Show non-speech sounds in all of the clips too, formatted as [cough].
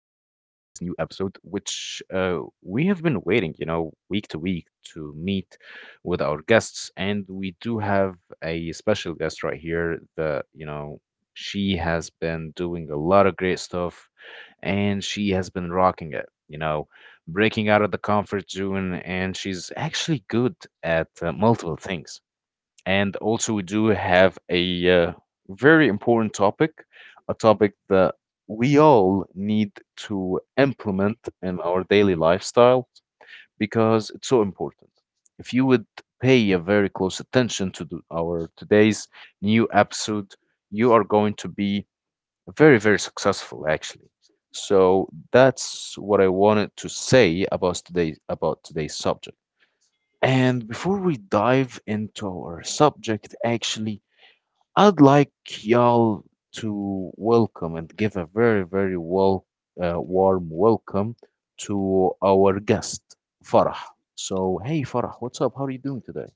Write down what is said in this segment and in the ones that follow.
new episode, which we have been waiting, you know, week to week to meet with our guests, and we do have a special guest right here that you know she has been doing a lot of great stuff, and she has been rocking it, you know, breaking out of the comfort zone, and she's actually good at multiple things. And also, we do have a very important topic, a topic that we all need to implement in our daily lifestyle because it's so important. If you would pay a very close attention to our today's new episode, you are going to be very, very successful, actually. So that's what I wanted to say about today about today's subject. And before we dive into our subject, actually, I'd like y'all to welcome and give a very, very well, warm welcome to our guest, Farah. So, hey, Farah, what's up? How are you doing today?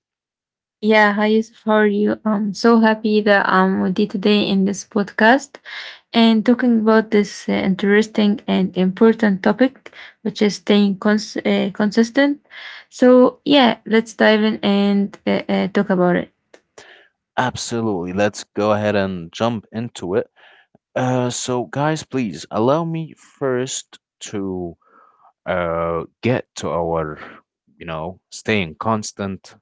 Yeah, hi Yusuf, how are you? I'm so happy that I'm with you today in this podcast and talking about this interesting and important topic, which is staying consistent. So, yeah, let's dive in and talk about it. Absolutely. Let's go ahead and jump into it. So, guys, please allow me first to get to our, you know, staying constant,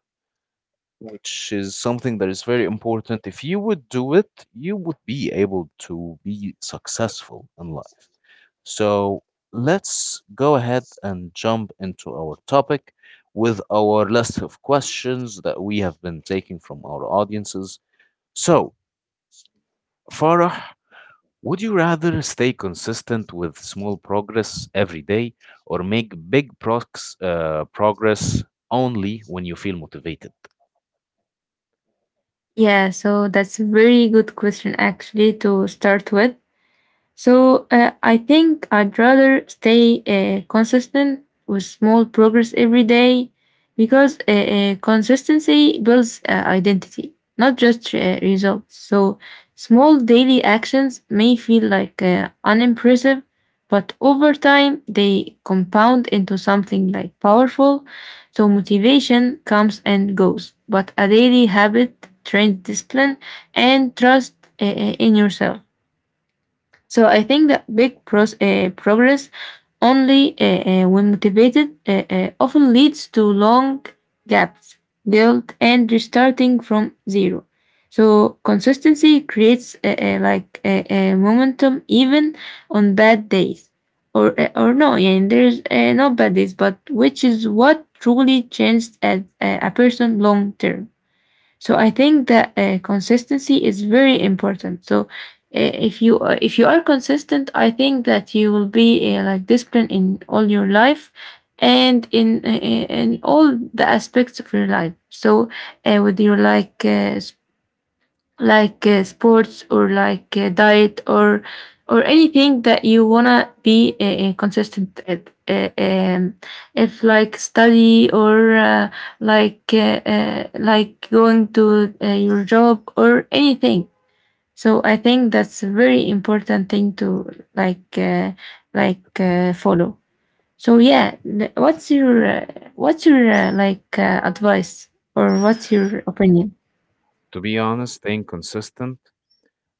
which is something that is very important. If you would do it, you would be able to be successful in life. So let's go ahead and jump into our topic with our list of questions that we have been taking from our audiences. So, Farah, would you rather stay consistent with small progress every day or make progress only when you feel motivated? Yeah, so that's a very good question actually to start with. So I think I'd rather stay consistent with small progress every day because consistency builds identity, not just results. So small daily actions may feel like unimpressive, but over time they compound into something like powerful. So motivation comes and goes, but a daily habit trains discipline and trust uh, uh, in yourself. So I think that big progress only when motivated often leads to long gaps, guilt, and restarting from zero. So consistency creates like momentum even on bad days, or no, yeah, and there's no bad days, but which is what truly changed as a person long term. So I think that consistency is very important. So if you if you are consistent, I think that you will be like disciplined in all your life and in all the aspects of your life. So with your like sports or like diet or anything that you wanna be consistent at. If like study or like going to your job or anything. So I think that's a very important thing to like uh, like follow. So yeah, what's your like advice or what's your opinion? To be honest, staying consistent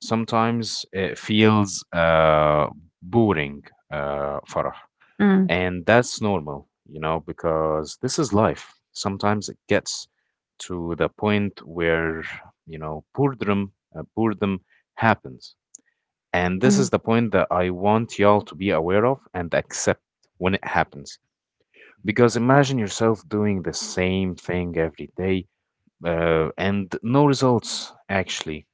sometimes it feels boring, Farah, Mm, and that's normal, you know, because this is life. Sometimes it gets to the point where, you know, boredom, boredom happens. And this is mm, the point that I want y'all to be aware of and accept when it happens. Because imagine yourself doing the same thing every day and no results, actually,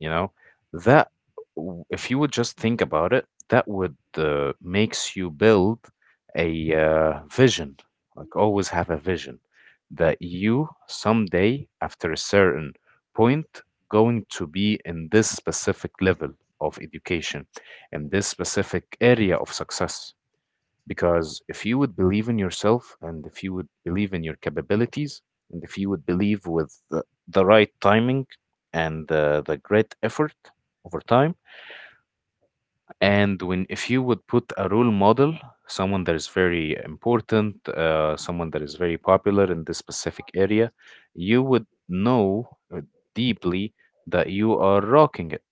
you know, that if you would just think about it, that would makes you build a vision, like always have a vision that you someday after a certain point going to be in this specific level of education, in this specific area of success. Because if you would believe in yourself and if you would believe in your capabilities and if you would believe with the right timing and the great effort over time, and when if you would put a role model, someone that is very important, someone that is very popular in this specific area, you would know uh, deeply that you are rocking it,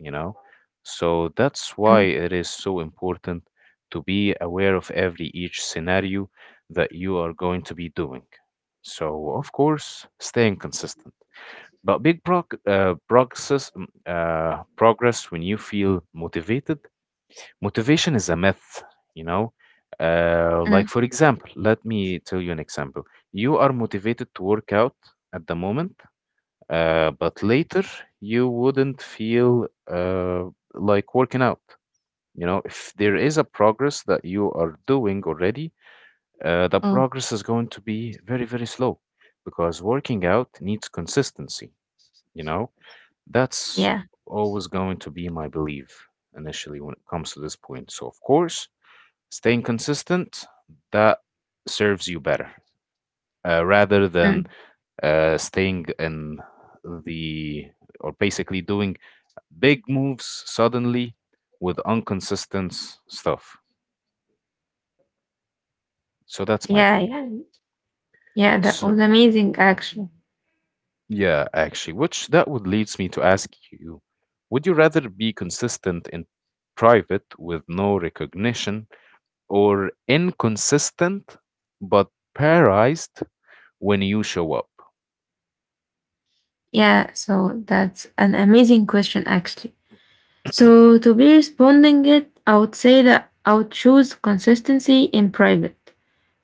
you know? So that's why mm, it is so important to be aware of every each scenario that you are going to be doing. So, of course, staying consistent. But big prog- progress, mm, progress when you feel motivated, motivation is a myth, you know. Like, mm, for example, let me tell you an example. You are motivated to work out at the moment, but later you wouldn't feel like working out. You know, if there is a progress that you are doing already, the mm. progress is going to be very, very slow because working out needs consistency. You know, that's Yeah. always going to be my belief initially when it comes to this point. So, of course, staying consistent, that serves you better rather than Mm. Staying in the or basically doing big moves suddenly with inconsistent stuff. So that's my Yeah, opinion. yeah. Yeah, that So was amazing actually. yeah, actually, which that would leads me to ask you, would you rather be consistent in private with no recognition or inconsistent but prized when you show up? Yeah, so that's an amazing question actually. [clears throat] So to be responding it, I would say that I would choose consistency in private.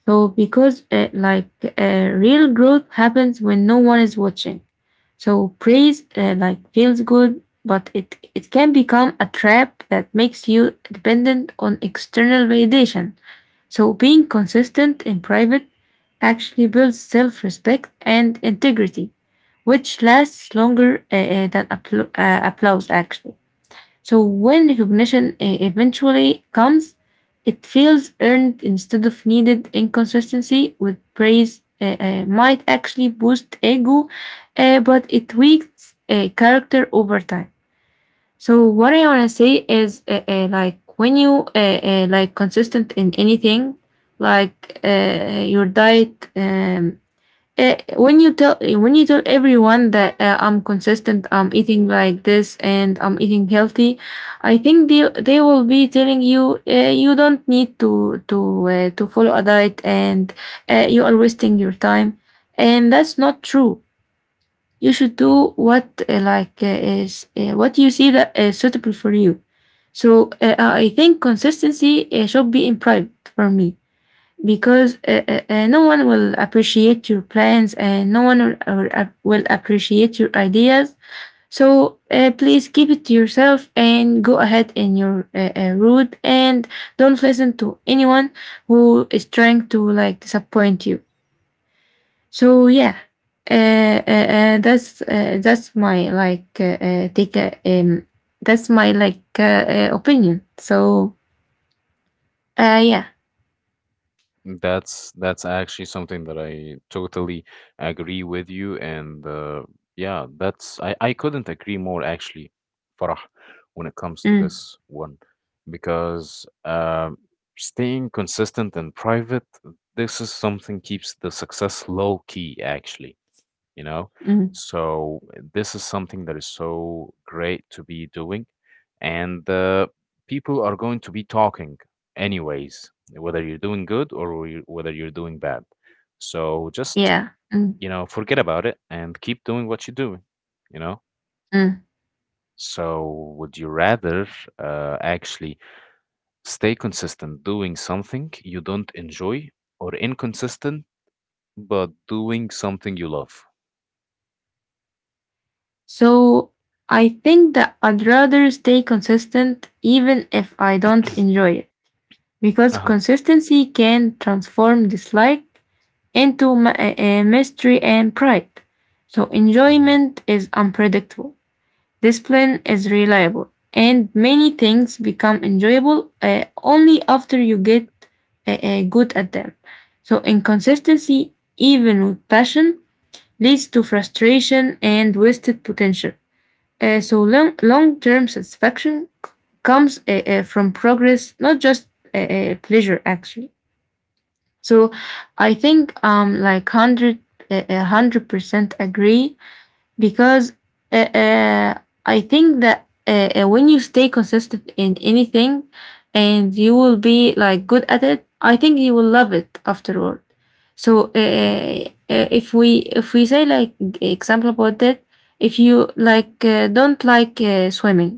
So because like real growth happens when no one is watching. So praise like feels good, but it can become a trap that makes you dependent on external validation. So being consistent in private actually builds self-respect and integrity, which lasts longer than applause actually. So when recognition eventually comes, it feels earned instead of needed. Inconsistency with praise might actually boost ego, but it weakens character over time. So what I want to say is like when you like consistent in anything, like your diet. When you tell when you tell everyone that I'm consistent, I'm eating like this, and I'm eating healthy, I think they will be telling you you don't need to follow a diet and you are wasting your time, and that's not true. You should do Mhm. what like is what you see that is suitable for you. So I think consistency should be in private for me because no one will appreciate your plans and no one will appreciate your ideas. So please keep it to yourself and go ahead in your route and don't listen to anyone who is trying to like disappoint you. So yeah, that's my like take. That's my like opinion. So yeah, That's actually something that I totally agree with you, and yeah, that's I couldn't agree more actually, Farah, when it comes to mm, this one, because staying consistent and private, this is something keeps the success low key actually, you know? mm, So this is something that is so great to be doing. And people are going to be talking anyways, whether you're doing good or whether you're doing bad. So just, yeah, mm, you know, forget about it and keep doing what you're doing, you know? mm. So would you rather actually stay consistent doing something you don't enjoy or inconsistent but doing something you love? So I think that I'd rather stay consistent even if I don't enjoy it, because Uh-huh. consistency can transform dislike into mystery and pride. So Mhm. enjoyment is unpredictable. Discipline is reliable, and many things become enjoyable only after you get good at them. So, inconsistency, even with passion, leads to frustration and wasted potential. So, long term satisfaction comes from progress, not just pleasure, actually. So, I think 100% agree because uh, uh, I think that when you stay consistent in anything and you will be like good at it, I think you will love it afterward. So if we say like example about that, if you like don't like swimming,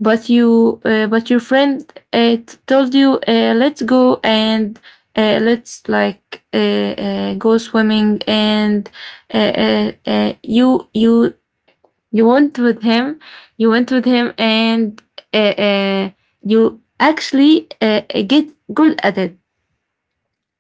but you but your friend told you let's go and let's like go swimming and uh, uh, uh, you you you went with him and uh, uh, you actually get good at it,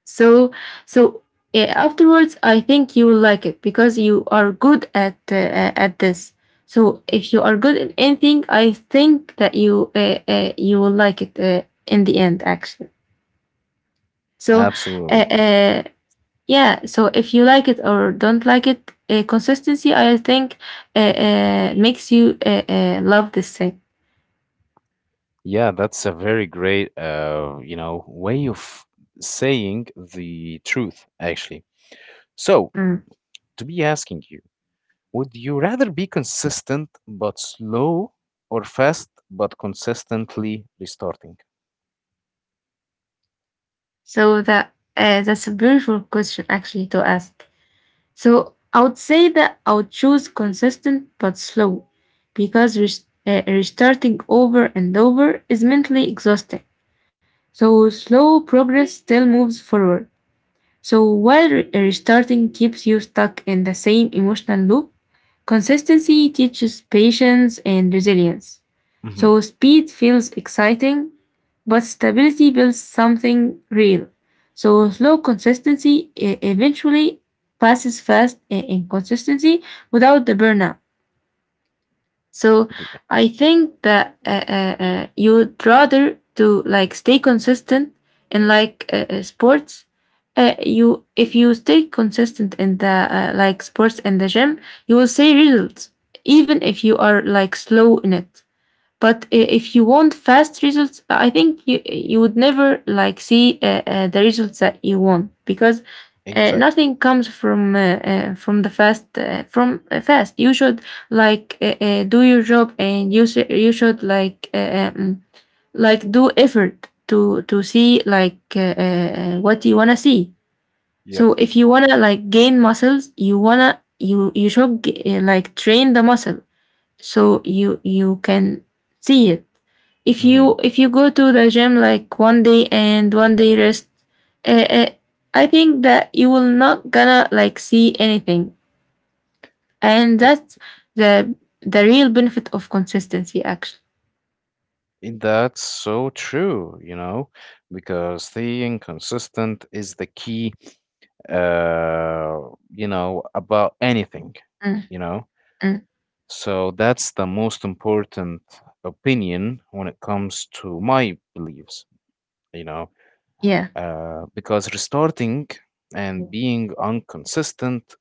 so so afterwards I think you will like it because you are good at this. So if you are good at anything, I think that you will like it in the end actually. So uh, Absolutely. uh, yeah, so if you like it or don't like it, consistency, I think, makes you love this thing. Yeah, that's a very great, you know, way of saying the truth, actually. So, Mm. to be asking you, would you rather be consistent but slow or fast but consistently restarting? So that's a beautiful question actually to ask. So I would say that I would choose consistent but slow, because restarting over and over is mentally exhausting. So slow progress still moves forward. So while restarting keeps you stuck in the same emotional loop, consistency teaches patience and resilience. Mm-hmm. So speed feels exciting, but stability builds something real. So slow consistency eventually passes fast in consistency without the burnout. So I think that you'd rather to like stay consistent in like sports. You if you stay consistent in the like sports in the gym, you will see results even if you are like slow in it. But if you want fast results, I think you would never like see the results that you want, because Exactly. nothing comes from the fast from fast. You should like do your job and you should like do effort to see like what you wanna see. Yep. So if you wanna like gain muscles, you wanna you you should g- like train the muscle so you can see it. If Mm-hmm. you if you go to the gym like one day and one day rest, uh, uh, I think that you will not gonna like see anything, and I I- that's the the real benefit of consistency actually. That's so true, you know, because staying consistent is the key, uh, you know, about anything, Mm, you know. mm, So that's the most important opinion when it comes to my beliefs, you know, yeah. Because restarting and being inconsistent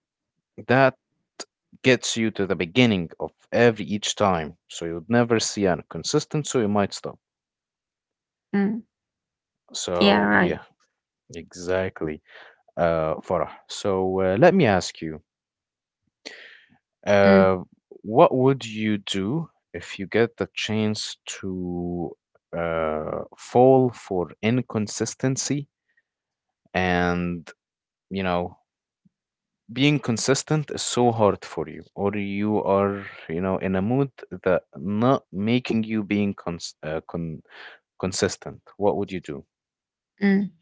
that gets you to the beginning of every each time. So you'd never see an consistent, so you might stop. Mm, yeah So right. yeah, exactly, Farah. So let me ask you. Mm, Uh, what would you do if you get the chance to fall for inconsistency and, you know, being consistent is so hard for you, or you are, you know, in a mood that not making you being consistent? What would you do? mm.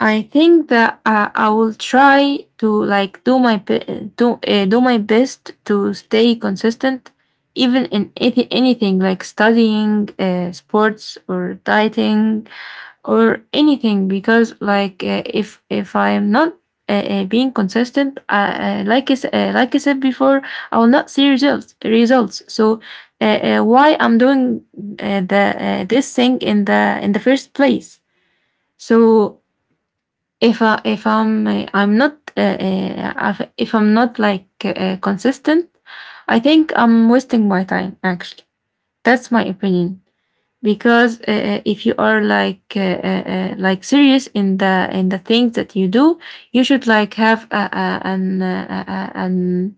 I think that I will try to like do my best to stay consistent, even in anything like studying, sports, or dieting, or anything. Because like if I'm not being consistent, I, like like I said before, I will not see results. So why I'm doing the this thing in the first place? So if I if I'm I'm not I'm not like consistent, I think I'm wasting my time. Actually, that's my opinion because if you are like serious in the things that you do, you should like have a, an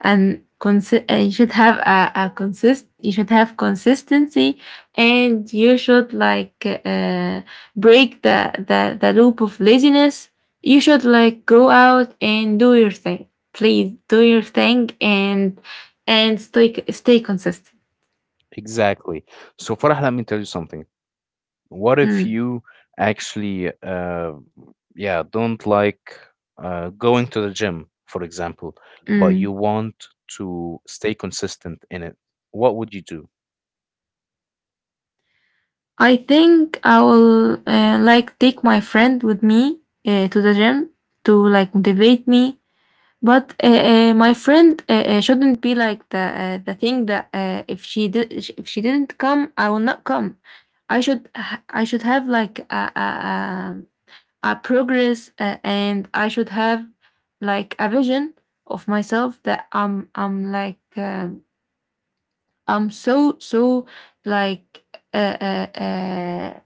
and consi- you should have a consist you should have consistency, and you should like break the loop of laziness. You should like go out and do your thing. Please do your thing, and stay stay consistent. Exactly. So, Farah, let me tell you something. What if Mm, you actually yeah don't like going to the gym, for example, but mm. you want to stay consistent in it, what would you do? I think I will like take my friend with me to the gym to like motivate me. But my friend shouldn't be like the thing that if she didn't come, I will not come. I should have like a progress and I should have like a vision of myself that I'm like I'm so so like uh, uh, uh,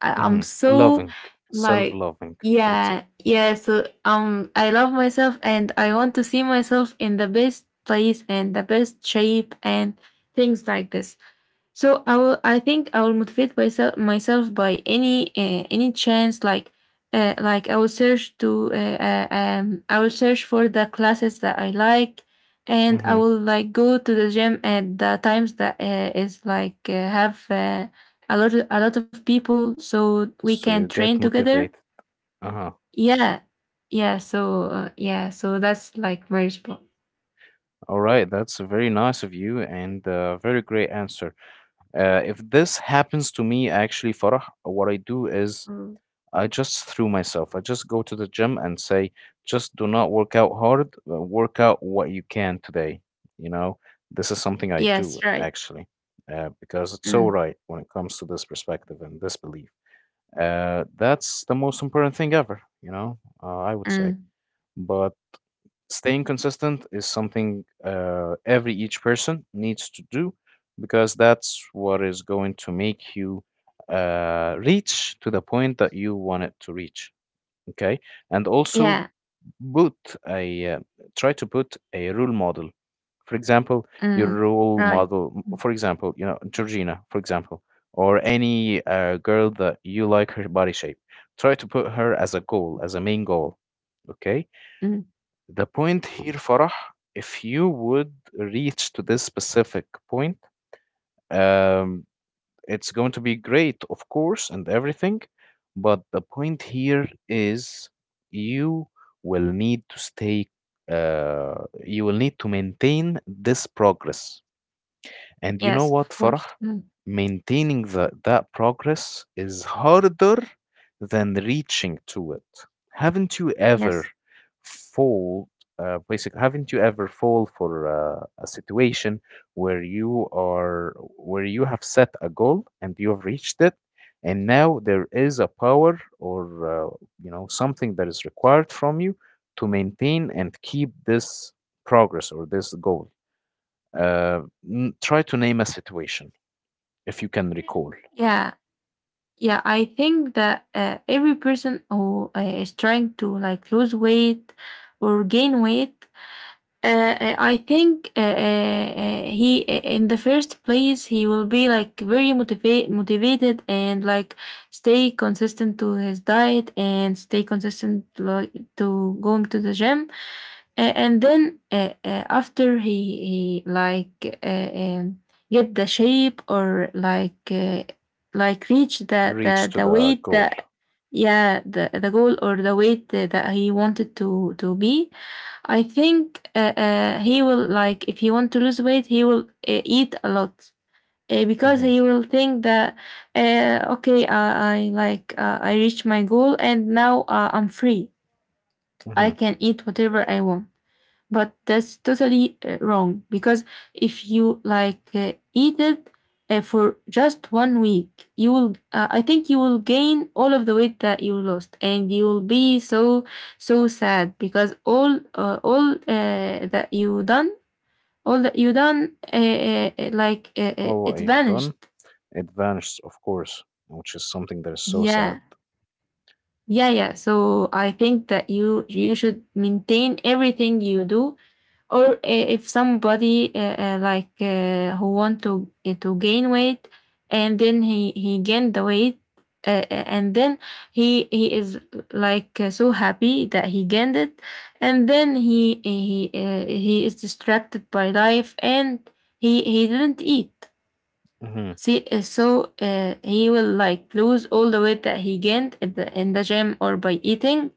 I'm Hmm, so loving. like. Self-loving, for Yeah, example. yeah. So I love myself and I want to see myself in the best place and the best shape and things like this. So I will. I think I will motivate myself by any chance. Like I will search to. I will search for the classes that I like, and I Hmm, will like go to the gym at the times that is like have a lot of people, so we so can you train get together. motivated. Uh-huh. Yeah, yeah. So yeah. So that's like very spot. All right, that's very nice of you and very great answer. Uh, if this happens to me actually, Farah, what I do is I just threw myself. I just go to the gym and say, just do not work out hard, work out what you can today. You know, this is something I do Yes, right. actually, because it's so Mm, right when it comes to this perspective and this belief. That's the most important thing ever, you know, I would say. mm, But staying consistent is something every each person needs to do because that's what is going to make you reach to the point that you want it to reach, okay, and also yeah. put a try to put a role model, for example, your Mm, role right. model, Mm, for example, you know, Georgina, for example, or any girl that you like her body shape, try to put her as a goal, as a main goal, okay. mm. The point here, Farah, if you would reach to this specific point, um, it's going to be great, of course, and everything, but the point here is you will need to stay, you will need to maintain this progress. And you know Yes, what, of Farah? course. Mm. Maintaining that progress is harder than reaching to it. Haven't you ever Yes. fall, basically, haven't you ever fall for a situation where you are, where you have set a goal and you have reached it, and now there is a power or you know, something that is required from you to maintain and keep this progress or this goal? Uh, Try to name a situation if you can recall. Yeah. Yeah. I think that every person who is trying to like lose weight or gain weight Uh, I think he in the first place he will be like very motivated and like stay consistent to his diet and stay consistent like to going to the gym And then after he he like get the shape or like reach the Reach the to the the weight goal. that yeah the goal or the weight that he wanted to be. I think he will like if he want to lose weight, he will eat a lot because Hmm. he will think that okay, I like I reached my goal and now I'm free. I Hmm. can eat whatever I want, but that's totally wrong because if you like eat it for just one week you will I think you will gain all of the weight that you lost, and you will be so so sad because all that you done, all that you done Oh, it I've done. vanished. It vanished, of course, which is something that is so sad. Yeah, yeah, yeah, so I think that you should maintain everything you do. Or if somebody who want to gain weight and then he gained the weight, and then he is like so happy that he gained it, and then he he is distracted by life, and he didn't eat. Hmm. See, so he will like lose all the weight that he gained at the, in the gym or by eating,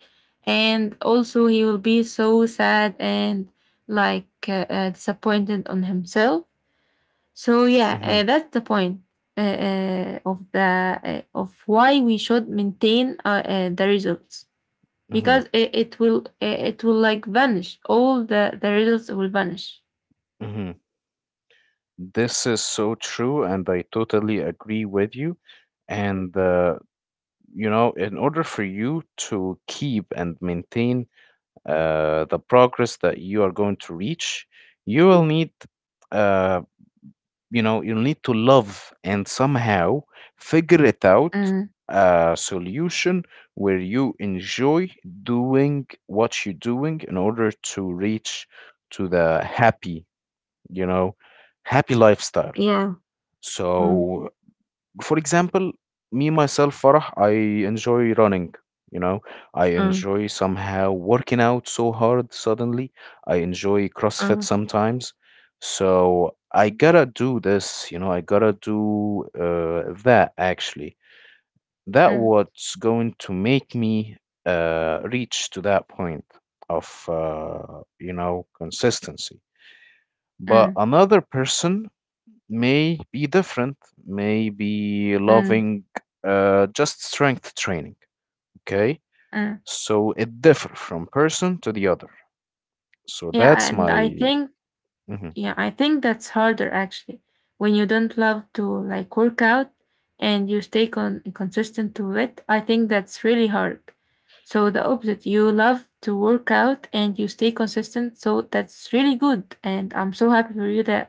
and also he will be so sad and like disappointed on himself. So yeah, Hmm. that's the point of the of why we should maintain the results, Hmm. because it will it will like vanish. All the results will vanish. Hmm. This is so true, and I totally agree with you. And, you know, in order for you to keep and maintain the progress that you are going to reach, you will need, uh, you know, you'll need to love and somehow figure it out Mm, a solution where you enjoy doing what you're doing in order to reach to the happy, you know, happy lifestyle. yeah. Mm, So, for example, me myself, Farah, I enjoy running. You know, I mm, enjoy somehow working out so hard suddenly. I enjoy CrossFit mm, sometimes. So I gotta do this, you know, I gotta do that actually. That mm, what's going to make me reach to that point of, you know, consistency. But mm, another person may be different, may be mm, loving just strength training. Okay, mm. so it differs from person to the other. So Yeah, that's and I my. think Mhm, Yeah, I think that's harder actually when you don't love to like work out and you stay consistent to it. I think that's really hard. So the opposite, you love to work out and you stay consistent. So that's really good. And I'm so happy for you that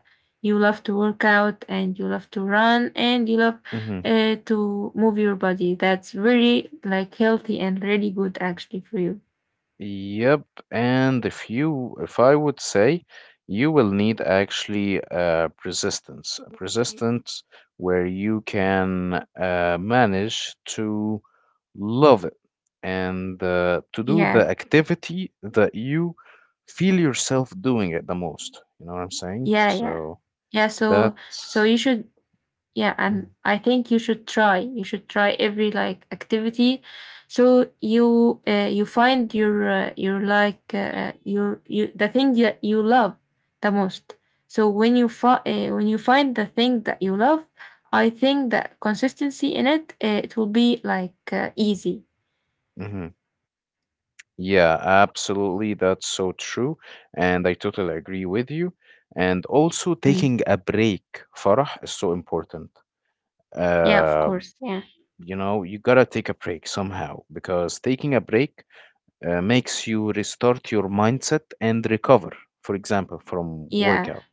you love to work out and you love to run and you love mhm. To move your body. That's really like healthy and really good actually for you. Yep, and if you, if I would say, you will need actually persistence, a persistence where you can manage to love it and to do the Yeah. activity that you feel yourself doing it the most. You know what I'm saying? Yeah. Yeah. So Yeah. So, so that's you should Yeah, Mhm. and I think you should try. You should try every like activity, so you you find your like your you the thing that you love the most. So when you when you find the thing that you love, I think that consistency in it it will be like easy. Mhm. Yeah, absolutely. That's so true. And I totally agree with you. And also, Mm. taking a break, Farah, is so important. Yeah, of Uh, course. Yeah. you know, you gotta take a break somehow because taking a break makes you restart your mindset and recover, for example, from Yeah, workout.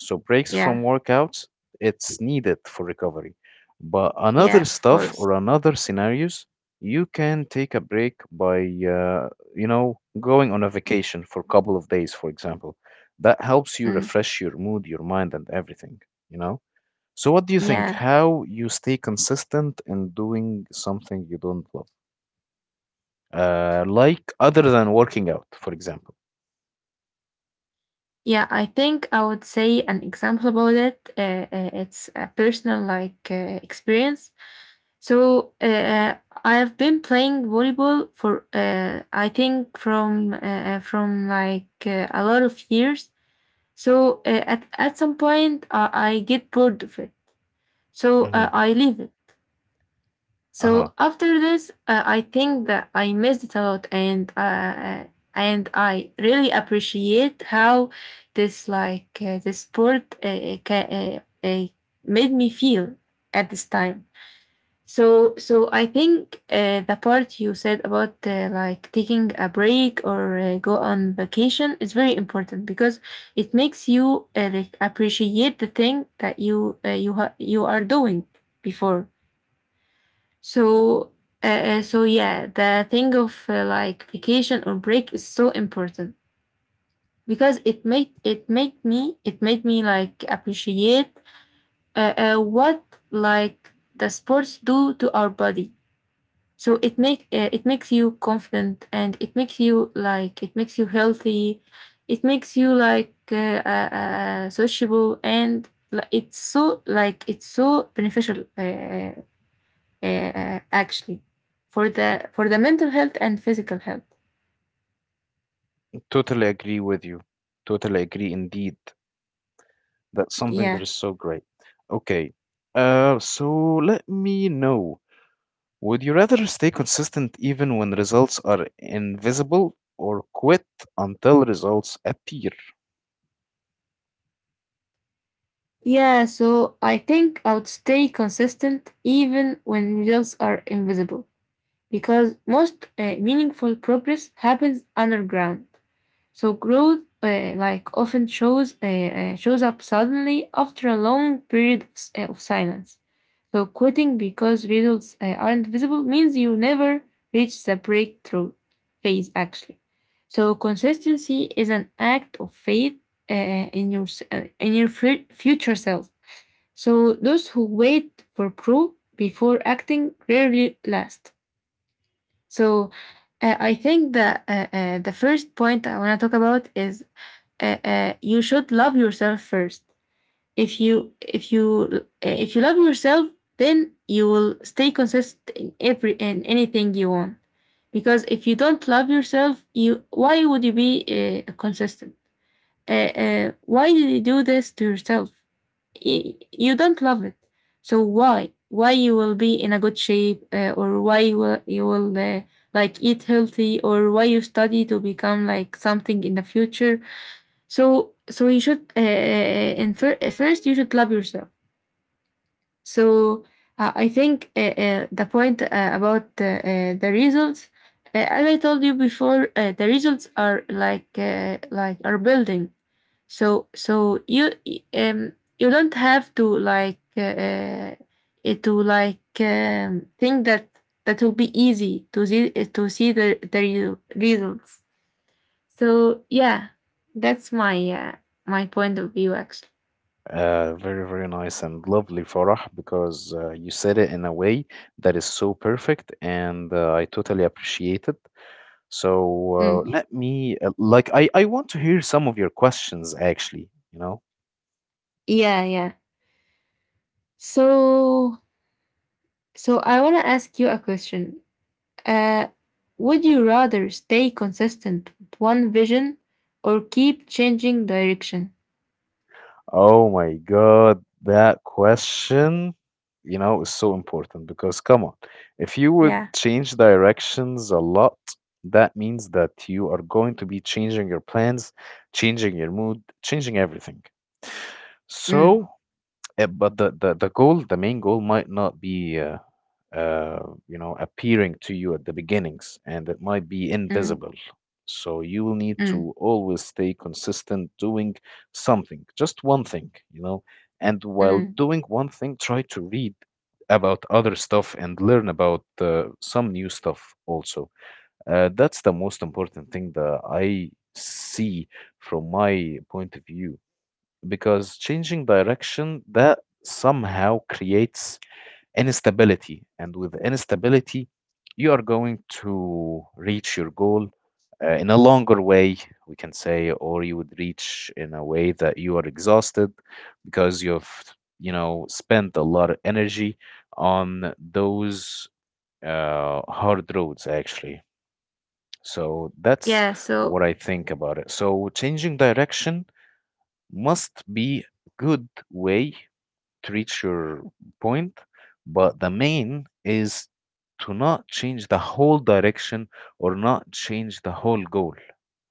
So breaks from yeah, workouts, it's needed for recovery. But another yeah, of stuff course. or another scenarios, you can take a break by, uh, you know, going on a vacation for a couple of days, for example. That helps you Mm. refresh your mood, your mind, and everything, you know? So what do you think? Yeah. How you stay consistent in doing something you don't love? Like other than working out, for example. Yeah, I think I would say an example about it. It's a personal like experience. So I have been playing volleyball for I think from a lot of years. So at some point I get bored of it. So Hmm. I leave it. Uh-huh. So after this, I think that I missed it a lot, and I really appreciate how this sport uh, made me feel at this time. So so I think the part you said about like taking a break or go on vacation is very important because it makes you like appreciate the thing that you you are doing before. So, so yeah, the thing of like vacation or break is so important because it made me like appreciate what like the sports do to our body. So it make it makes you confident, and it makes you like it makes you healthy. It makes you like sociable and like it's so beneficial actually for the mental health and physical health. Totally agree with you. Totally agree indeed. That's something that Yeah. is so great. Okay. So let me know. Would you rather stay consistent even when results are invisible or quit until results appear? Yeah, so I think I would stay consistent even when results are invisible, because most meaningful progress happens underground. So growth, like often shows shows up suddenly after a long period of silence. So quitting because results aren't visible means you never reach the breakthrough phase. Actually, so consistency is an act of faith uh, in your in your future self. So those who wait for proof before acting rarely last. So I think that the first point I want to talk about is you should love yourself first. If you if you love yourself, then you will stay consistent in every in anything you want, because if you don't love yourself, you why would you be consistent? Why did you do this to yourself? You don't love it. So why you will be in a good shape, or why you will like eat healthy, or why you study to become like something in the future? So, so you should, first, you should love yourself. So, I think the point about the results, as I told you before, the results are like are building. So, so you um you don't have to like think that that will be easy to see the results. So yeah, that's my my point of view actually. Very, very nice and lovely, Farah, because you said it in a way that is so perfect, and I totally appreciate it. So Mm. uh, let me like I want to hear some of your questions actually, you know. Yeah, yeah. So so I want to ask you a question. Uh, would you rather stay consistent with one vision or keep changing direction? Oh my God, that question, you know, is so important because come on, if you would Yeah. change directions a lot, that means that you are going to be changing your plans, changing your mood, changing everything. So, Mm, but the goal, the main goal might not be, uh, you know, appearing to you at the beginnings, and it might be mm, invisible. So you will need to mm, always stay consistent doing something, just one thing, you know. And while mm. doing one thing, try to read about other stuff and learn about some new stuff also. That's the most important thing that I see from my point of view, because changing direction that somehow creates instability, and with instability you are going to reach your goal in a longer way, we can say, or you would reach in a way that you are exhausted because you've, you know, spent a lot of energy on those hard roads actually. So that's Yeah. So. what I think about it. So changing direction must be good way to reach your point, but the main is to not change the whole direction or not change the whole goal.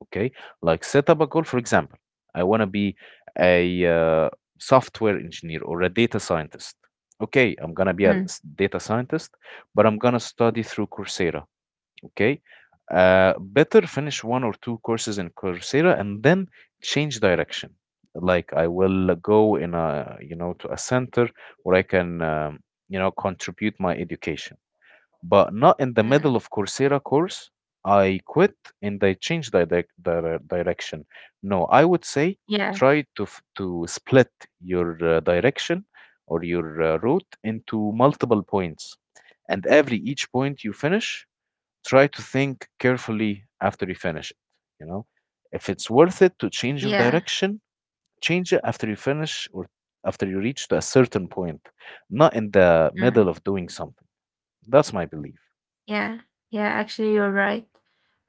Okay, like set up a goal. For example, I want to be a software engineer or a data scientist. Okay, I'm gonna be a Mm, data scientist, but I'm gonna study through Coursera. Okay. Better finish one or two courses in Coursera and then change direction. Like I will go in a, you know, to a center where I can, you know, contribute my education, but not in the middle mm, of Coursera course. I quit and I change direction. No, I would say yeah. try to to split your direction or your route into multiple points, and every each point you finish, try to think carefully after you finish it, you know? If it's worth it to change your Yeah. direction, change it after you finish or after you reach to a certain point, not in the Mm. middle of doing something. That's my belief. Yeah, yeah, actually, you're right.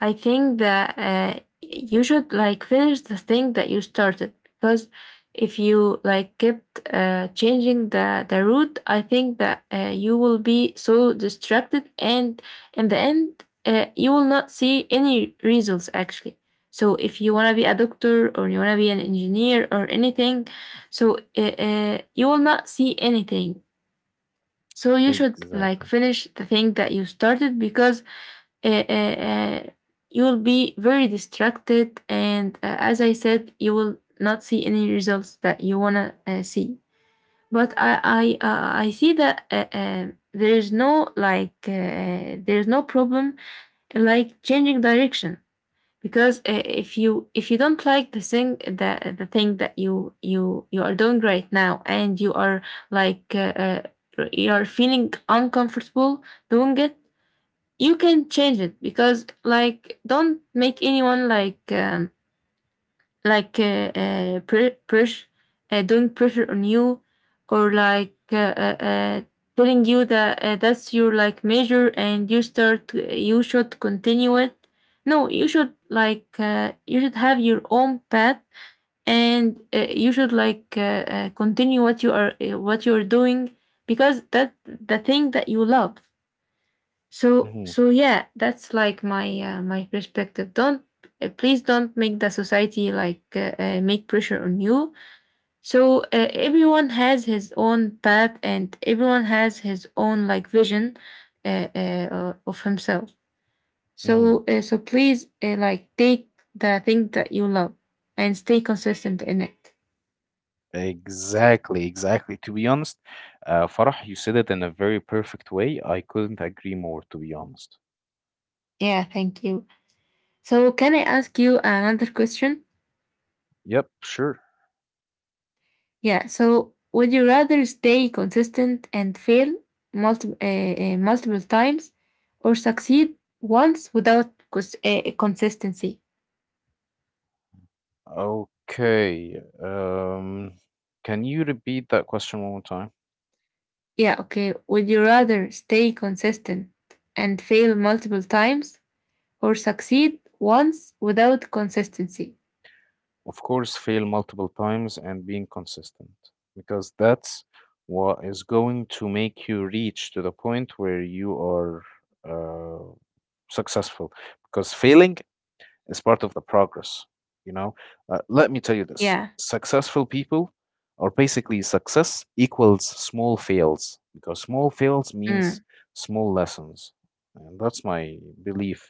I think that you should like finish the thing that you started, because if you like kept changing the route, I think that you will be so distracted, and in the end, you will not see any results actually. So if you want to be a doctor or you want to be an engineer or anything, so you will not see anything. So you should like Exactly. finish the thing that you started because uh, uh, you will be very distracted, and as I said, you will not see any results that you want to see. But I see that there's no like there's no problem like changing direction, because if you don't like the thing that you are doing right now, and you are like you are feeling uncomfortable doing it, you can change it. Because like don't make anyone like pressure doing pressure on you, or like telling you that that's your like measure, and you start you should continue it. No, you should like you should have your own path, and you should like continue what you are what you're doing, because that the thing that you love. So hmm so yeah, that's like my my perspective. Don't please don't make the society like make pressure on you. So everyone has his own path, and everyone has his own like vision of himself. hmm. So so please like take the thing that you love and stay consistent in it. Exactly, exactly. To be honest, Farah, you said it in a very perfect way. I couldn't agree more, to be honest. Yeah, thank you. So can I ask you another question? Yep, sure. Yeah. So would you rather stay consistent and fail multiple times, or succeed once without consistency? Okay. Can you repeat that question one more time? Yeah. Okay. Would you rather stay consistent and fail multiple times, or succeed once without consistency? Of course, fail multiple times and being consistent, because that's what is going to make you reach to the point where you are uh, successful. Because failing, it's part of the progress, you know? Let me tell you this Yeah. successful people or basically success equals small fails, because small fails means Mm. small lessons. And that's my belief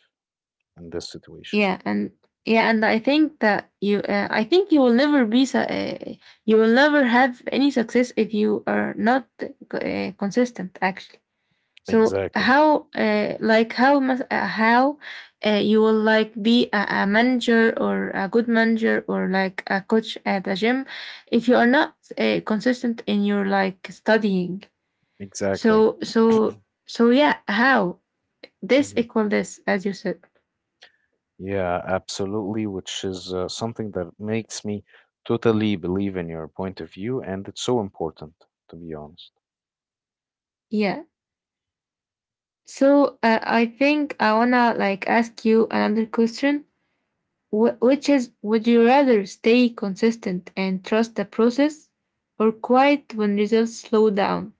in this situation. Yeah. And yeah. And I think that you. I think you will never be. You will never have any success if you are not consistent. Actually. So Exactly. how like how you will like be a manager or a good manager or like a coach at a gym if you are not consistent in your like studying. Exactly. So so so yeah, how this Hmm. equal this as you said. Yeah, absolutely, which is something that makes me totally believe in your point of view, and it's so important, to be honest. Yeah. So I think I wanna like ask you another question, which is would you rather stay consistent and trust the process or quiet when results slow down?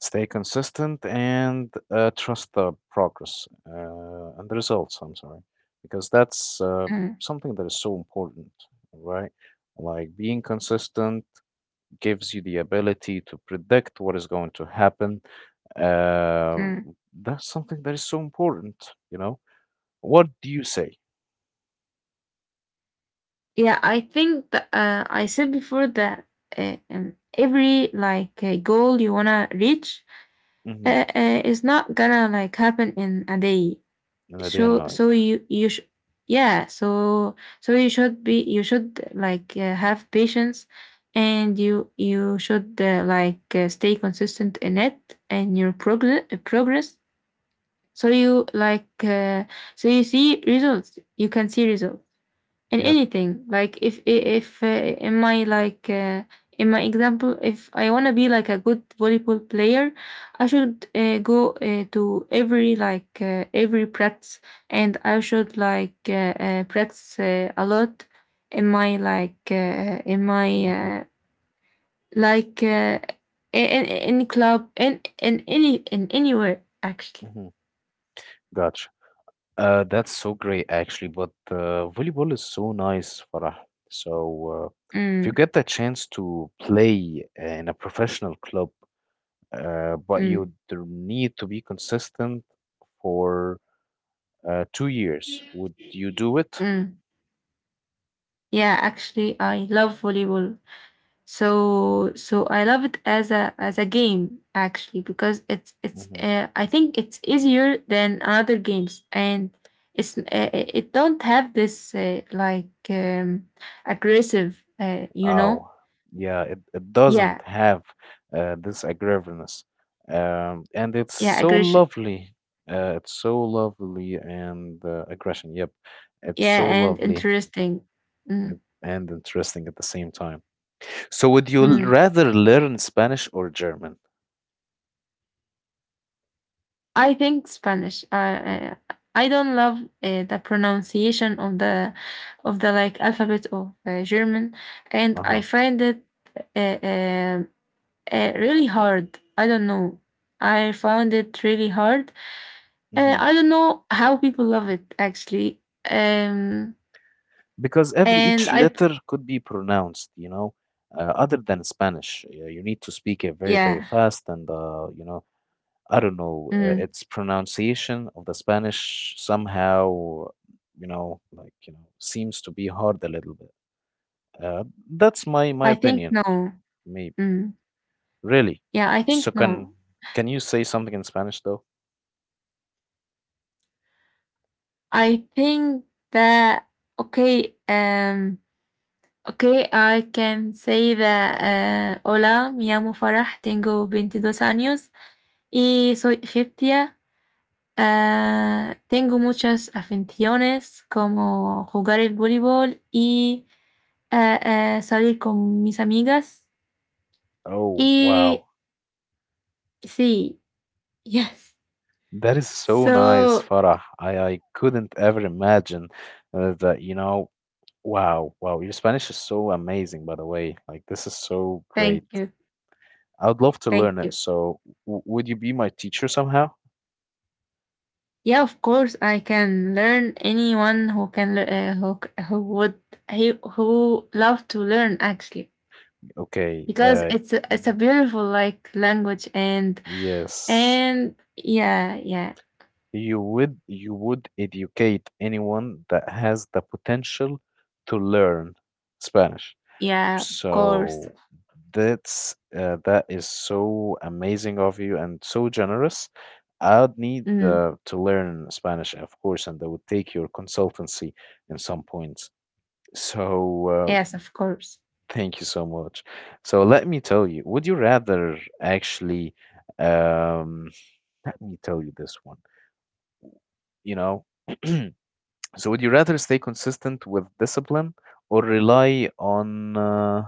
Stay consistent and trust the progress and the results, I'm sorry, because that's Mm, something that is so important, right? Like being consistent gives you the ability to predict what is going to happen. Uh, mm. that's something that is so important, you know? What do you say? Yeah, I think that I said before that every like goal you wanna reach Mm-hmm. Is not gonna like happen in a day. In the day and So night. so you you sh- yeah so so you should be, you should have patience, and you should stay consistent in it, and your progress, so you you see results, you can see results in Yep. anything, like if if uh, in my like uh, in my example, if I want to be like a good volleyball player, I should go to every every practice, and I should practice a lot in my like in my Mm-hmm. Like in, in in club, in any in anywhere actually. Mm-hmm. Gotcha. That's so great, actually. But volleyball is so nice, Farah. So, uh, if you mm, get the chance to play in a professional club, uh, but mm, you d- need to be consistent for 2 years, would you do it? mm. Yeah, actually I love volleyball. So I love it as a, as a game actually, because it's Hmm. I think it's easier than other games, and it's it don't have this aggressive you know. Oh, yeah, it doesn't Yeah. have this aggressiveness. And it's Yeah, so aggression. lovely. It's so lovely and aggression. Yep, it's Yeah, so and lovely interesting. mm, and interesting at the same time. So would you mm. rather learn Spanish or German? I think Spanish. I don't love the pronunciation of the, of the like alphabet of German, and I Uh-huh. find it uh, um really hard. I don't know. I found it really hard. Hmm. I don't know how people love it actually. Um, Because every and each I letter could be pronounced, you know, other than Spanish. You need to speak it very, very Yeah. fast and you know, I don't know, Mm, its pronunciation of the Spanish somehow, you know, like, you know, seems to be hard a little bit. Uh, that's my I think opinion, no. maybe. Mm, Really. yeah, I So think can no. can you say something in Spanish though? I think that. Okay. Okay, I can say that. Hola, me llamo Farah, tengo veintidós años y soy egipcia. Ah, tengo muchas aficiones como jugar el voleibol y ah, ah, salir con mis amigas. Oh, wow. Y sí, [laughs] yes. That is so nice, So Farah. I couldn't ever imagine that, you know, wow, wow. Your Spanish is so amazing, by the way. Like, this is so great. thank you, I would love to thank learn it. you. So, w would you be my teacher somehow? Yeah, of course I can learn anyone who can who would, he who love to learn actually, Okay, because it's a mhm, beautiful like language, and yes. and You would educate anyone that has the potential to learn Spanish. yeah, of course. So that is so amazing of you and so generous. I'd need Mm. To learn Spanish, of course, and I would take your consultancy in some points. So Yes, uh, of course. thank you so much. So let me tell you, would you rather actually? Um, Let me tell you this one. You know, [clears throat] so would you rather stay consistent with discipline or rely on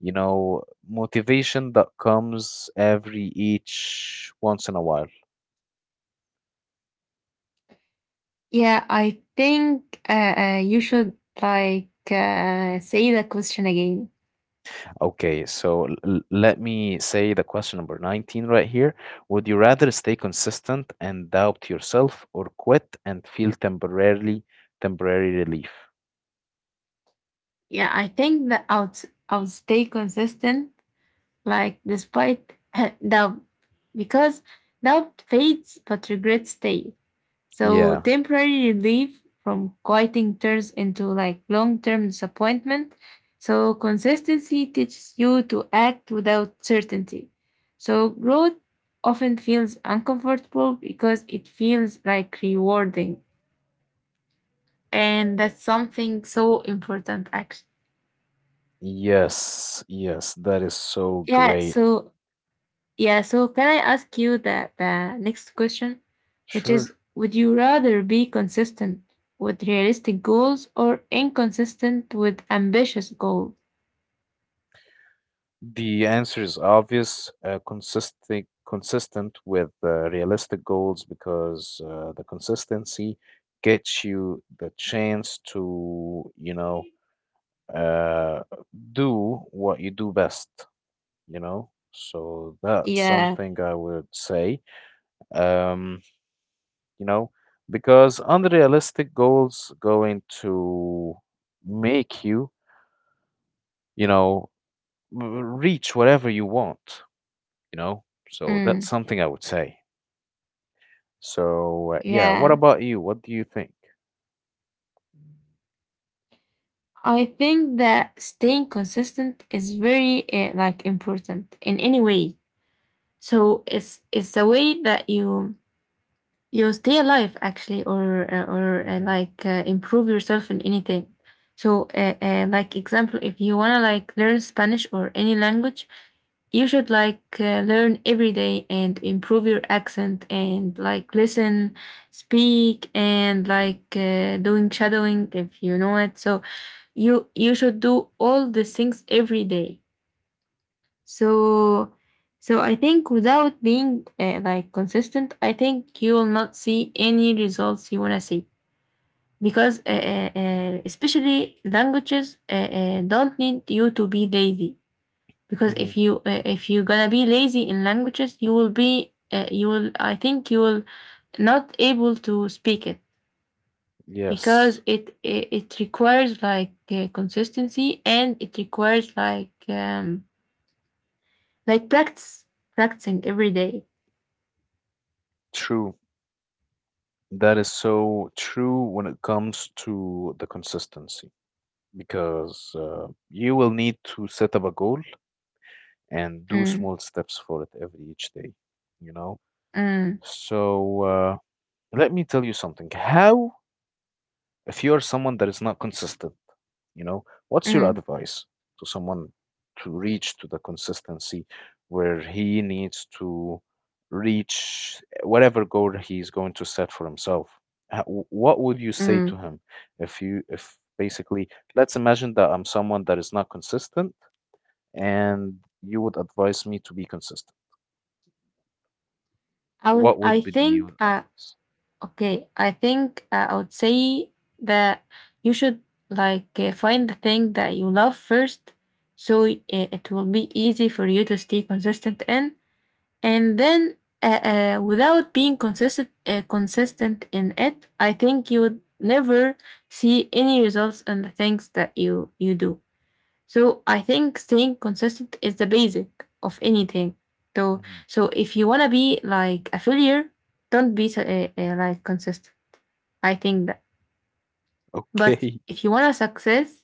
you know, motivation that comes every each once in a while. Yeah, I think you should say the question again. Okay, so let me say the question number 19 right here. Would you rather stay consistent and doubt yourself or quit and feel temporarily temporary relief? Yeah, I think that I'll stay consistent, like despite [laughs] doubt, because doubt fades but regret stays. So Yeah. temporary relief from quitting turns into like long-term disappointment. So consistency teaches you to act without certainty. So growth often feels uncomfortable because it feels like rewarding. And that's something so important actually. Yes. Yes, that is so Yeah, great. so. Yeah, so can I ask you the next question, which Sure. is would you rather be consistent with realistic goals or inconsistent with ambitious goals? The answer is obvious, consistent with realistic goals, because the consistency gets you the chance to, you know, uh, do what you do best, you know. So that's Yeah. something I would say, um, you know, because unrealistic goals going to make you, you know, reach whatever you want, you know? So that's Mm, something I would say. So, yeah, what yeah. about you? What do you think? I think that staying consistent is very like important in any way. So it's the way that you stay alive actually, or hmm improve yourself in anything. So like example, if you want to like learn Spanish or any language, you should learn every day and improve your accent, and like listen, speak, and doing shadowing if you know it. So you should do all these things every day. So, so I think without being like consistent, I think you will not see any results you want to see, because especially languages don't need you to be lazy, because hmm. if you if you're gonna be lazy in languages, you will be you will, I think you will not able to speak it, Yes, because it requires consistency, and it requires like like practice, practicing every day. true. That is so true when it comes to the consistency because you will need to set up a goal and do Mm, small steps for it every each day, you know? mm, So, let me tell you something. How if you are someone that is not consistent, you know, what's your mm, advice to someone to reach to the consistency where he needs to reach whatever goal he's going to set for himself? What would you say to mm. him if you if basically let's imagine that I'm someone that is not consistent and you would advise me to be consistent. I was, What I would be your think, advice? okay, I think I would say that you should find the thing that you love first, so it will be easy for you to stay consistent in, and then without being consistent, consistent in it, I think you would never see any results in the things that you do. So I think staying consistent is the basic of anything. So, Mhm. so if you wanna be like a failure, don't be like consistent. I think that. [laughs] But Okay. if you wanna success,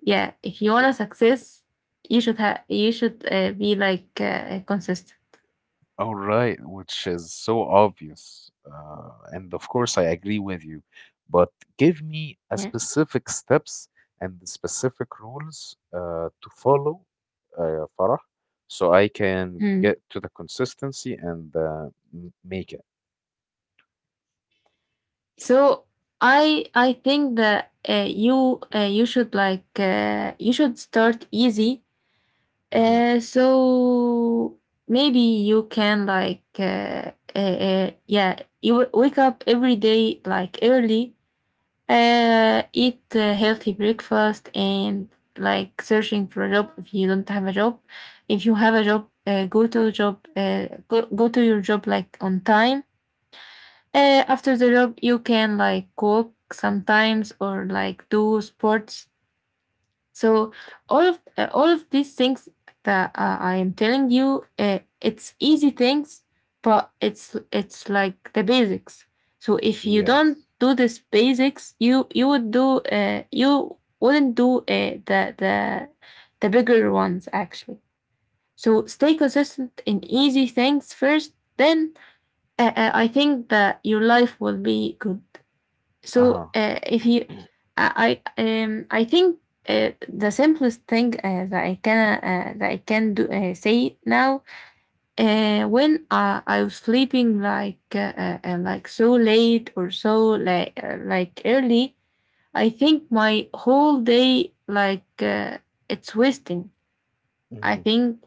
yeah, if you wanna success, you should have, you should be consistent. All right, which is so obvious. And of course, I agree with you. But give me a Yeah. specific steps and the specific rules to follow, Farah, so I can Mm. get to the consistency and make it. So I think that you should you should start easy. Hmm. So maybe you can yeah, you wake up every day like early, eat a healthy breakfast, and like searching for a job if you don't have a job. If you have a job, go to job, go to your job like on time. After the job, you can like walk sometimes, or like do sports. So all of these things that I am telling you, it's easy things, but it's like the basics. So if you don't Yes. do this basics, you would do you wouldn't do the bigger ones actually. So stay consistent in easy things first. Then I think that your life will be good. So Uh-huh. If you, I think the simplest thing that I can do say now, when I was sleeping like so late or so like early, I think my whole day it's wasting. I Hmm. think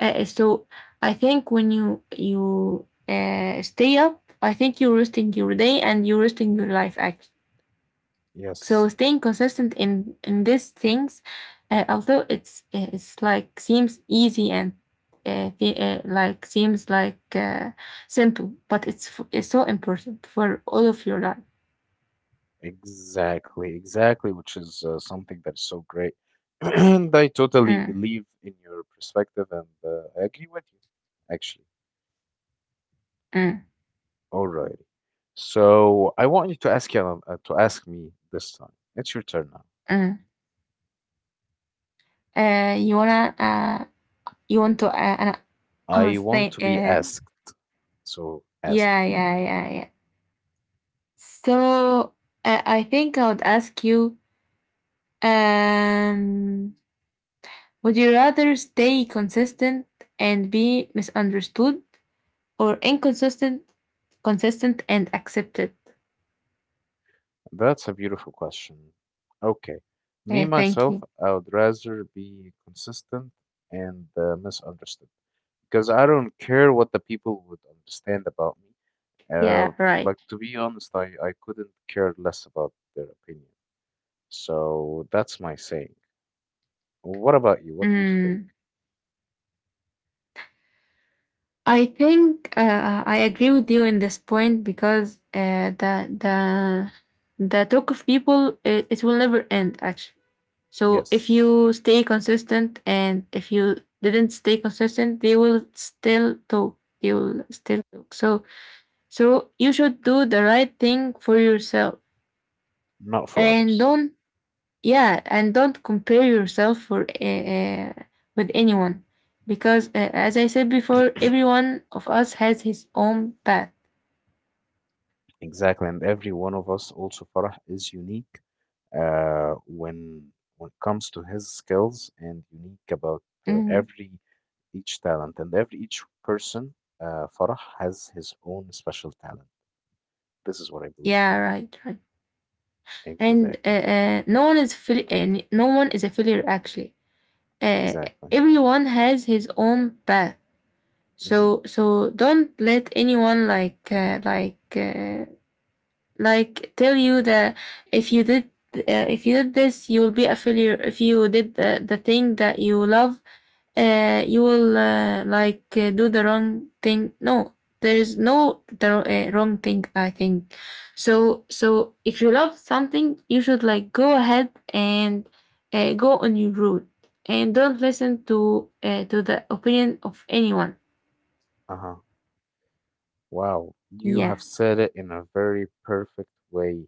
so. I think when you stay up, I think you're wasting your day and you're wasting your life actually. So Yes. staying consistent in these things, although it's like seems easy, and like seems simple, but it's so important for all of your life. Exactly. Exactly, which is something that is so great. [clears throat] And I totally Mm, believe in your perspective, and I agree with you, actually. mm, Alrighty. So I want you, to ask me this time. It's your turn now. mm. You wanna you want to an I honest. want to be Uh, asked. So ask me. yeah, yeah, yeah, yeah. So I think I would ask you. Um, Would you rather stay consistent and be misunderstood, or consistent and accepted? That's a beautiful question. Okay. Me, Yeah, thank myself, you. I would rather be consistent and misunderstood, because I don't care what the people would understand about me. Uh, Yeah, right. like, to be honest, I couldn't care less about their opinion. So that's my saying. What about you? What do you think? Mm, I think I agree with you in this point, because the talk of people, it will never end actually. So if Yes. you stay consistent, and if you didn't stay consistent, they will still talk. They will still talk. So, so you should do the right thing for yourself, Not for and others. don't, yeah, and don't compare yourself for with anyone, because as I said before, everyone of us has his own path. Exactly, and every one of us also, Farah, is unique uh, when when it comes to his skills and unique about Mhm. every each talent and every each person. Farah has his own special talent. This is what I believe Yeah, in. right, right. And Exactly, no one is fil- n- no one is a failure actually. Uh, exactly. everyone has his own path. Mm-hmm. So, so don't let anyone like tell you that if you did this, you will be a failure, if you did the thing that you love, you will do the wrong thing. No, there is no the, wrong thing I think. So, so if you love something, you should like go ahead, and go on your route, and don't listen to the opinion of anyone. Uh-huh. Wow, you yeah have said it in a very perfect way,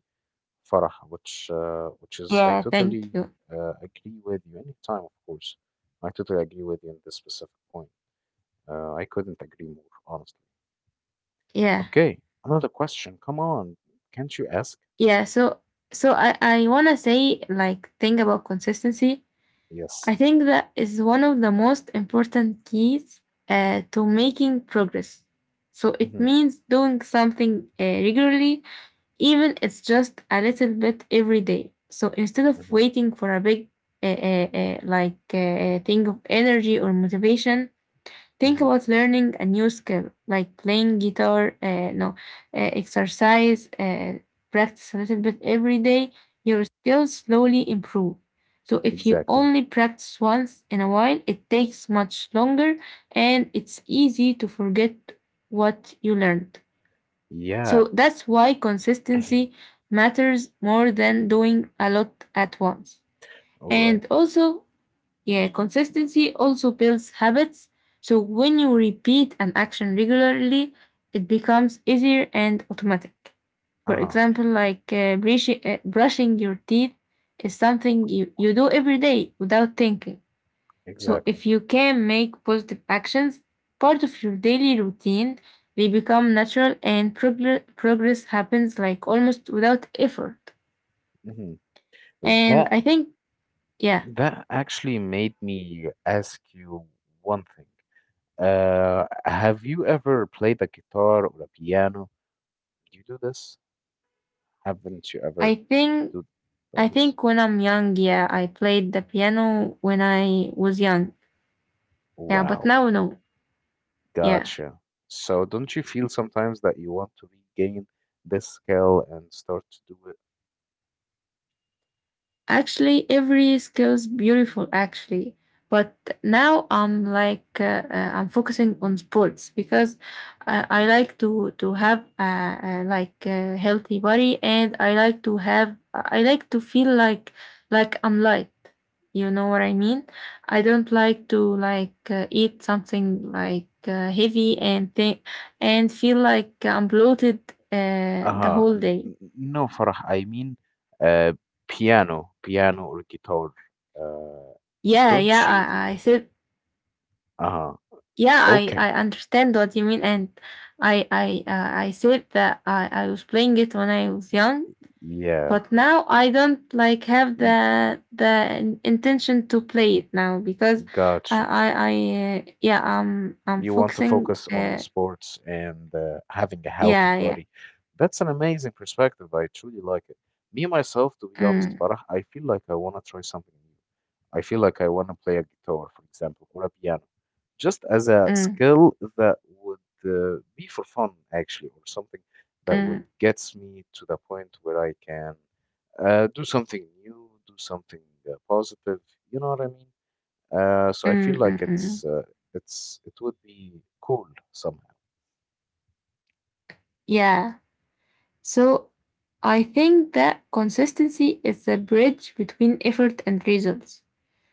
Farah, which is I yeah Thank totally you. Agree with you. Any time, of course, I totally agree with you in this specific point. I couldn't agree more, honestly. Yeah. Okay, another question. Come on, can't you ask? Yeah, so so I want to say like, think about consistency. Yes. I think that is one of the most important keys to making progress. So it Mm-hmm. means doing something regularly, even it's just a little bit every day. So instead of Mm-hmm. waiting for a big thing of energy or motivation. Think Mm-hmm. about learning a new skill like playing guitar, no, exercise, practice a little bit every day. Your skills slowly improve. So if you Exactly. only practice once in a while, it takes much longer, and it's easy to forget what you learned. So Yeah. that's why consistency [clears throat] matters more than doing a lot at once. All right. And also, yeah, consistency also builds habits. So when you repeat an action regularly, it becomes easier and automatic. For Uh-huh. example, like brushing your teeth is something you do every day without thinking. So Exactly. if you can make positive actions part of your daily routine, they become natural, and progress happens like almost without effort. Mm-hmm. And That I think, yeah, that actually made me ask you one thing. Have you ever played a guitar or a piano? Do you do this? Haven't you I ever think. do I done this? think when I'm young, yeah, I played the piano when I was young. Yeah, but Wow, now no. Yeah. gotcha. So don't you feel sometimes that you want to regain this skill and start to do it? Actually, every skill is beautiful actually. But now I'm I'm focusing on sports because I like to have like a healthy body, and I like to have, I like to feel like I'm light. You know what I mean? I don't like to eat something heavy and and feel like I'm bloated the Uh-huh. whole day. No, Farah, I mean uh piano, piano or guitar. Uh, Yeah, yeah. don't you I think? said. Uh-huh. Yeah, I Okay. understand what you mean, and I said that I was playing it when I was young, Yeah. but now I don't like have Y- the intention to play it now because Gotcha. I yeah, I'm You want to focusing focus on sports and having a healthy yeah, yeah. body. That's an amazing perspective. I truly like it. Me, myself, to be honest, mm, Farah, I feel like I want to try something new. I feel like I want to play a guitar, for example, or a piano, just as a mm, skill that would be for fun, actually, or something that would mm, gets me to the point where I can do something new, do something positive. You know what I mean? So I mm, feel mm, like mm. It would be cool somehow. yeah so I think that consistency is the bridge between effort and results.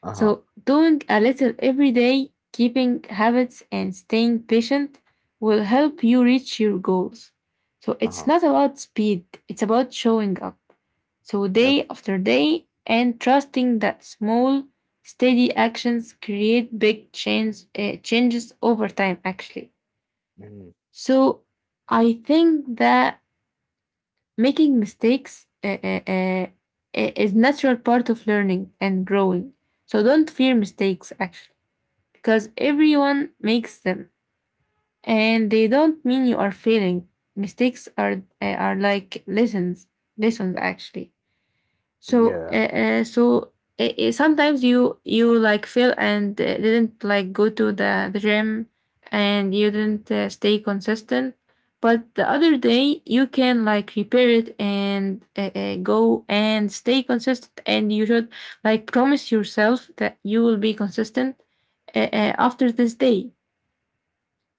Uh-huh. So, doing a little every day, keeping habits, and staying patient will help you reach your goals. So, it's Uh-huh. not about speed, it's about showing up. So, Yep. day after day, and trusting that small, steady actions create big change, changes over time, actually. Hmm. So, I think that making mistakes is natural part of learning and growing. So don't fear mistakes actually, because Yeah. everyone makes them, and they don't mean you are failing. Mistakes are like lessons, lessons actually. So Yeah. Sometimes you like fail, and didn't like go to the gym, and you Hmm. didn't stay consistent. But the other day you can like repair it, and go and stay consistent, and you should like promise yourself that you will be consistent after this day.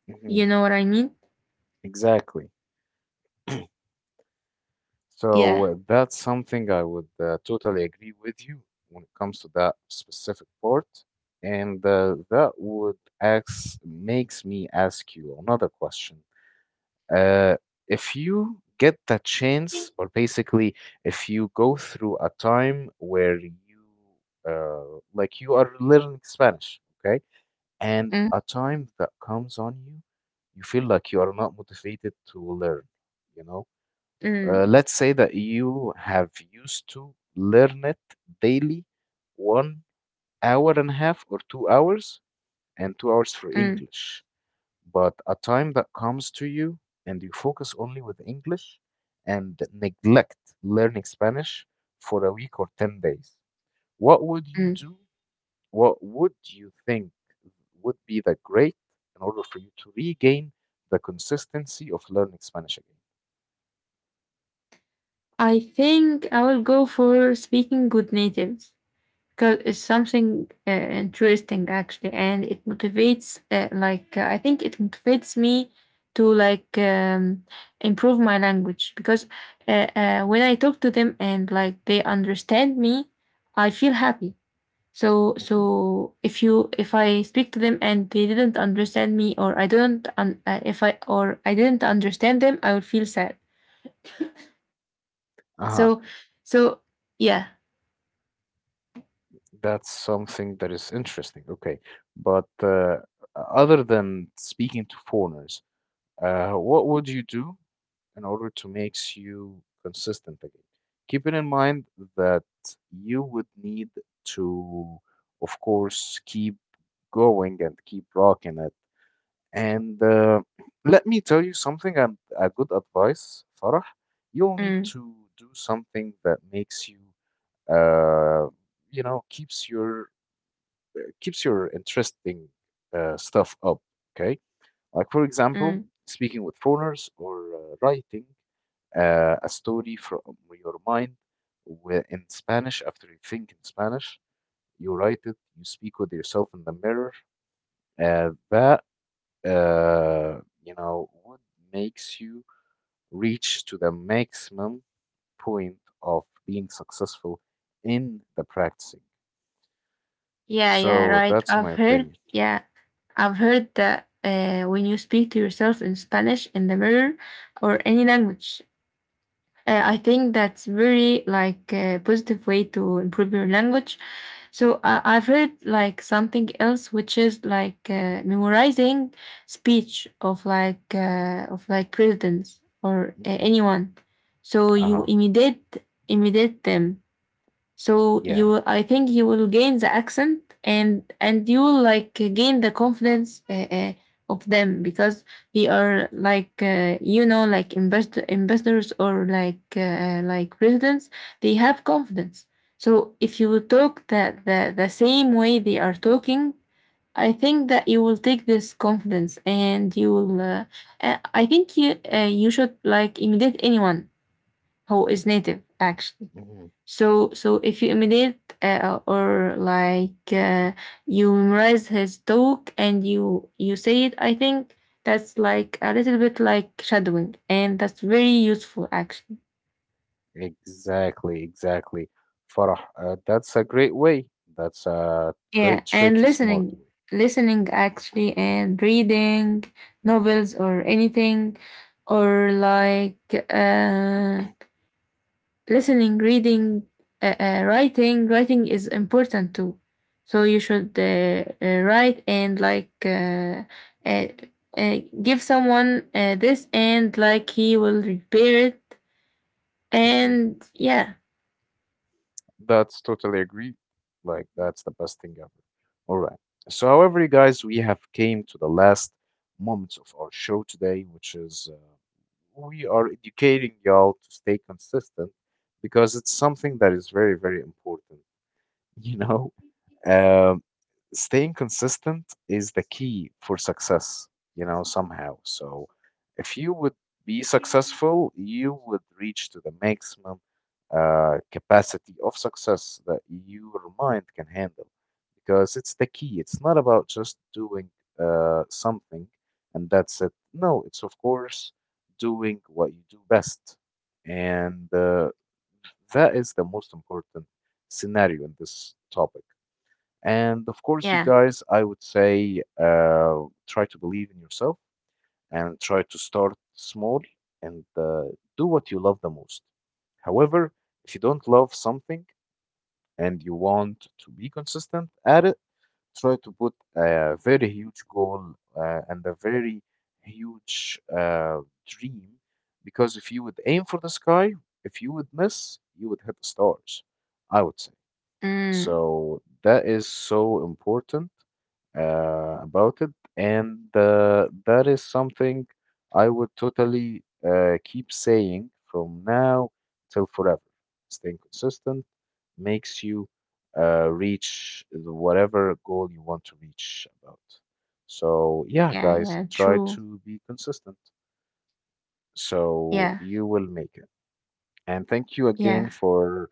Hmm. You know what I mean? Exactly. So Yeah. That's something I would totally agree with you when it comes to that specific part. And makes me ask you another question. Uh, if you get the chance, or basically, if you go through a time where you are learning Spanish, okay, and Mm, a time that comes on you, you feel like you are not motivated to learn, you know? mm, Let's say that you have used to learn it daily, 1 hour and a half or 2 hours, and 2 hours for mm, English. But a time that comes to you and you focus only with English and neglect learning Spanish for a week or 10 days. What would you mm. do? What would you think would be the great in order for you to regain the consistency of learning Spanish again? I think I will go for speaking good natives, because it's something interesting actually, and it motivates. I think it motivates me to improve my language, because when I talk to them and like they understand me, I feel happy. So, so if you, if I speak to them and they didn't understand me, or I don't un, if I didn't understand them, I would feel sad. Mm-hmm. So, so yeah. That's something that is interesting. Okay, but other than speaking to foreigners, what would you do in order to make you consistent again? Keeping in mind that you would need to, of course, keep going and keep rocking it. And let me tell you something and a good advice, Farah. You'll need Mm, to do something that makes you, uh, you know, keeps your interesting stuff up. Okay, like for example, mm. speaking with foreigners or writing a story from your mind in Spanish. After you think in Spanish, you write it. You speak with yourself in the mirror. That you know what makes you reach to the maximum point of being successful in the practicing. Yeah, yeah, So right. that's I've my heard, opinion. yeah, I've heard that when you speak to yourself in Spanish in the mirror, or any language, I Mhm. think that's very like a positive way to improve your language. So I've heard like something else, which is memorizing speech of of like presidents or Mhm. anyone. So you Uh-huh. imitate, imitate them. So you, Yeah. I think you will gain the accent, and you will like gain the confidence of them, because they are you know, like investors, or like presidents. They have confidence. So if you will talk the, the same way they are talking, I think that you will take this confidence, and you will. I think you should like imitate anyone who is native actually. Mhm. So, so if you imitate or like you memorize his talk, and you say it, I think that's like a little bit like shadowing, and that's very useful actually. Exactly, exactly. Farah, that's a great way. That's a Yeah, great, and tricky, smart listening, way. listening actually, and reading novels or anything, or uh, listening, reading, writing. Writing is important too. So you should write, and uh, give someone this, and like he will repair it. Hmm. And yeah, That's totally agreed. Like, that's the best thing ever. All right. So, however, you guys, we have came to the last moments of our show today, which is we are educating y'all to stay consistent because it's something that is very, very important. You know, um, staying consistent is the key for success, you know, somehow. So if you would be successful, you would reach to the maximum capacity of success that your mind can handle because it's the key. It's not about just doing something and that's it. No, it's of course doing what you do best. And that is the most important scenario in this topic. And of course, you yeah, guys, I would say try to believe in yourself and try to start small and do what you love the most. However, if you don't love something and you want to be consistent at it, try to put a very huge goal and a very huge dream because if you would aim for the sky, if you would miss, you would hit the stars, I would say. mm, So that is so important about it, and that is something I would totally keep saying from now till forever. Staying consistent makes you whatever goal you want to reach about. So, yeah, yeah, guys, yeah, try true. to be consistent so Yeah, you will make it. And thank you again yeah, for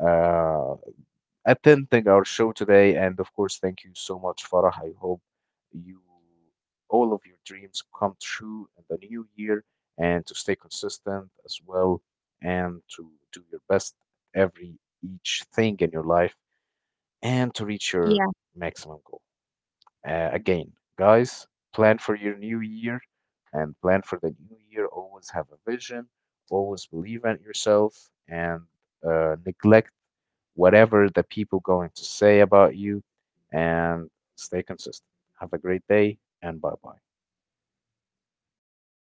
uh, attending our show today. And of course, thank you so much, Farah. I hope you all of your dreams come true in the new year and to stay consistent as well and to do your best at every each thing in your life and to reach yeah, your maximum goal. Again, guys, plan for your new year and plan for the new year. Always have a vision, always believe in yourself, and neglect whatever the people going to say about you and stay consistent. Have a great day and bye bye. yeah.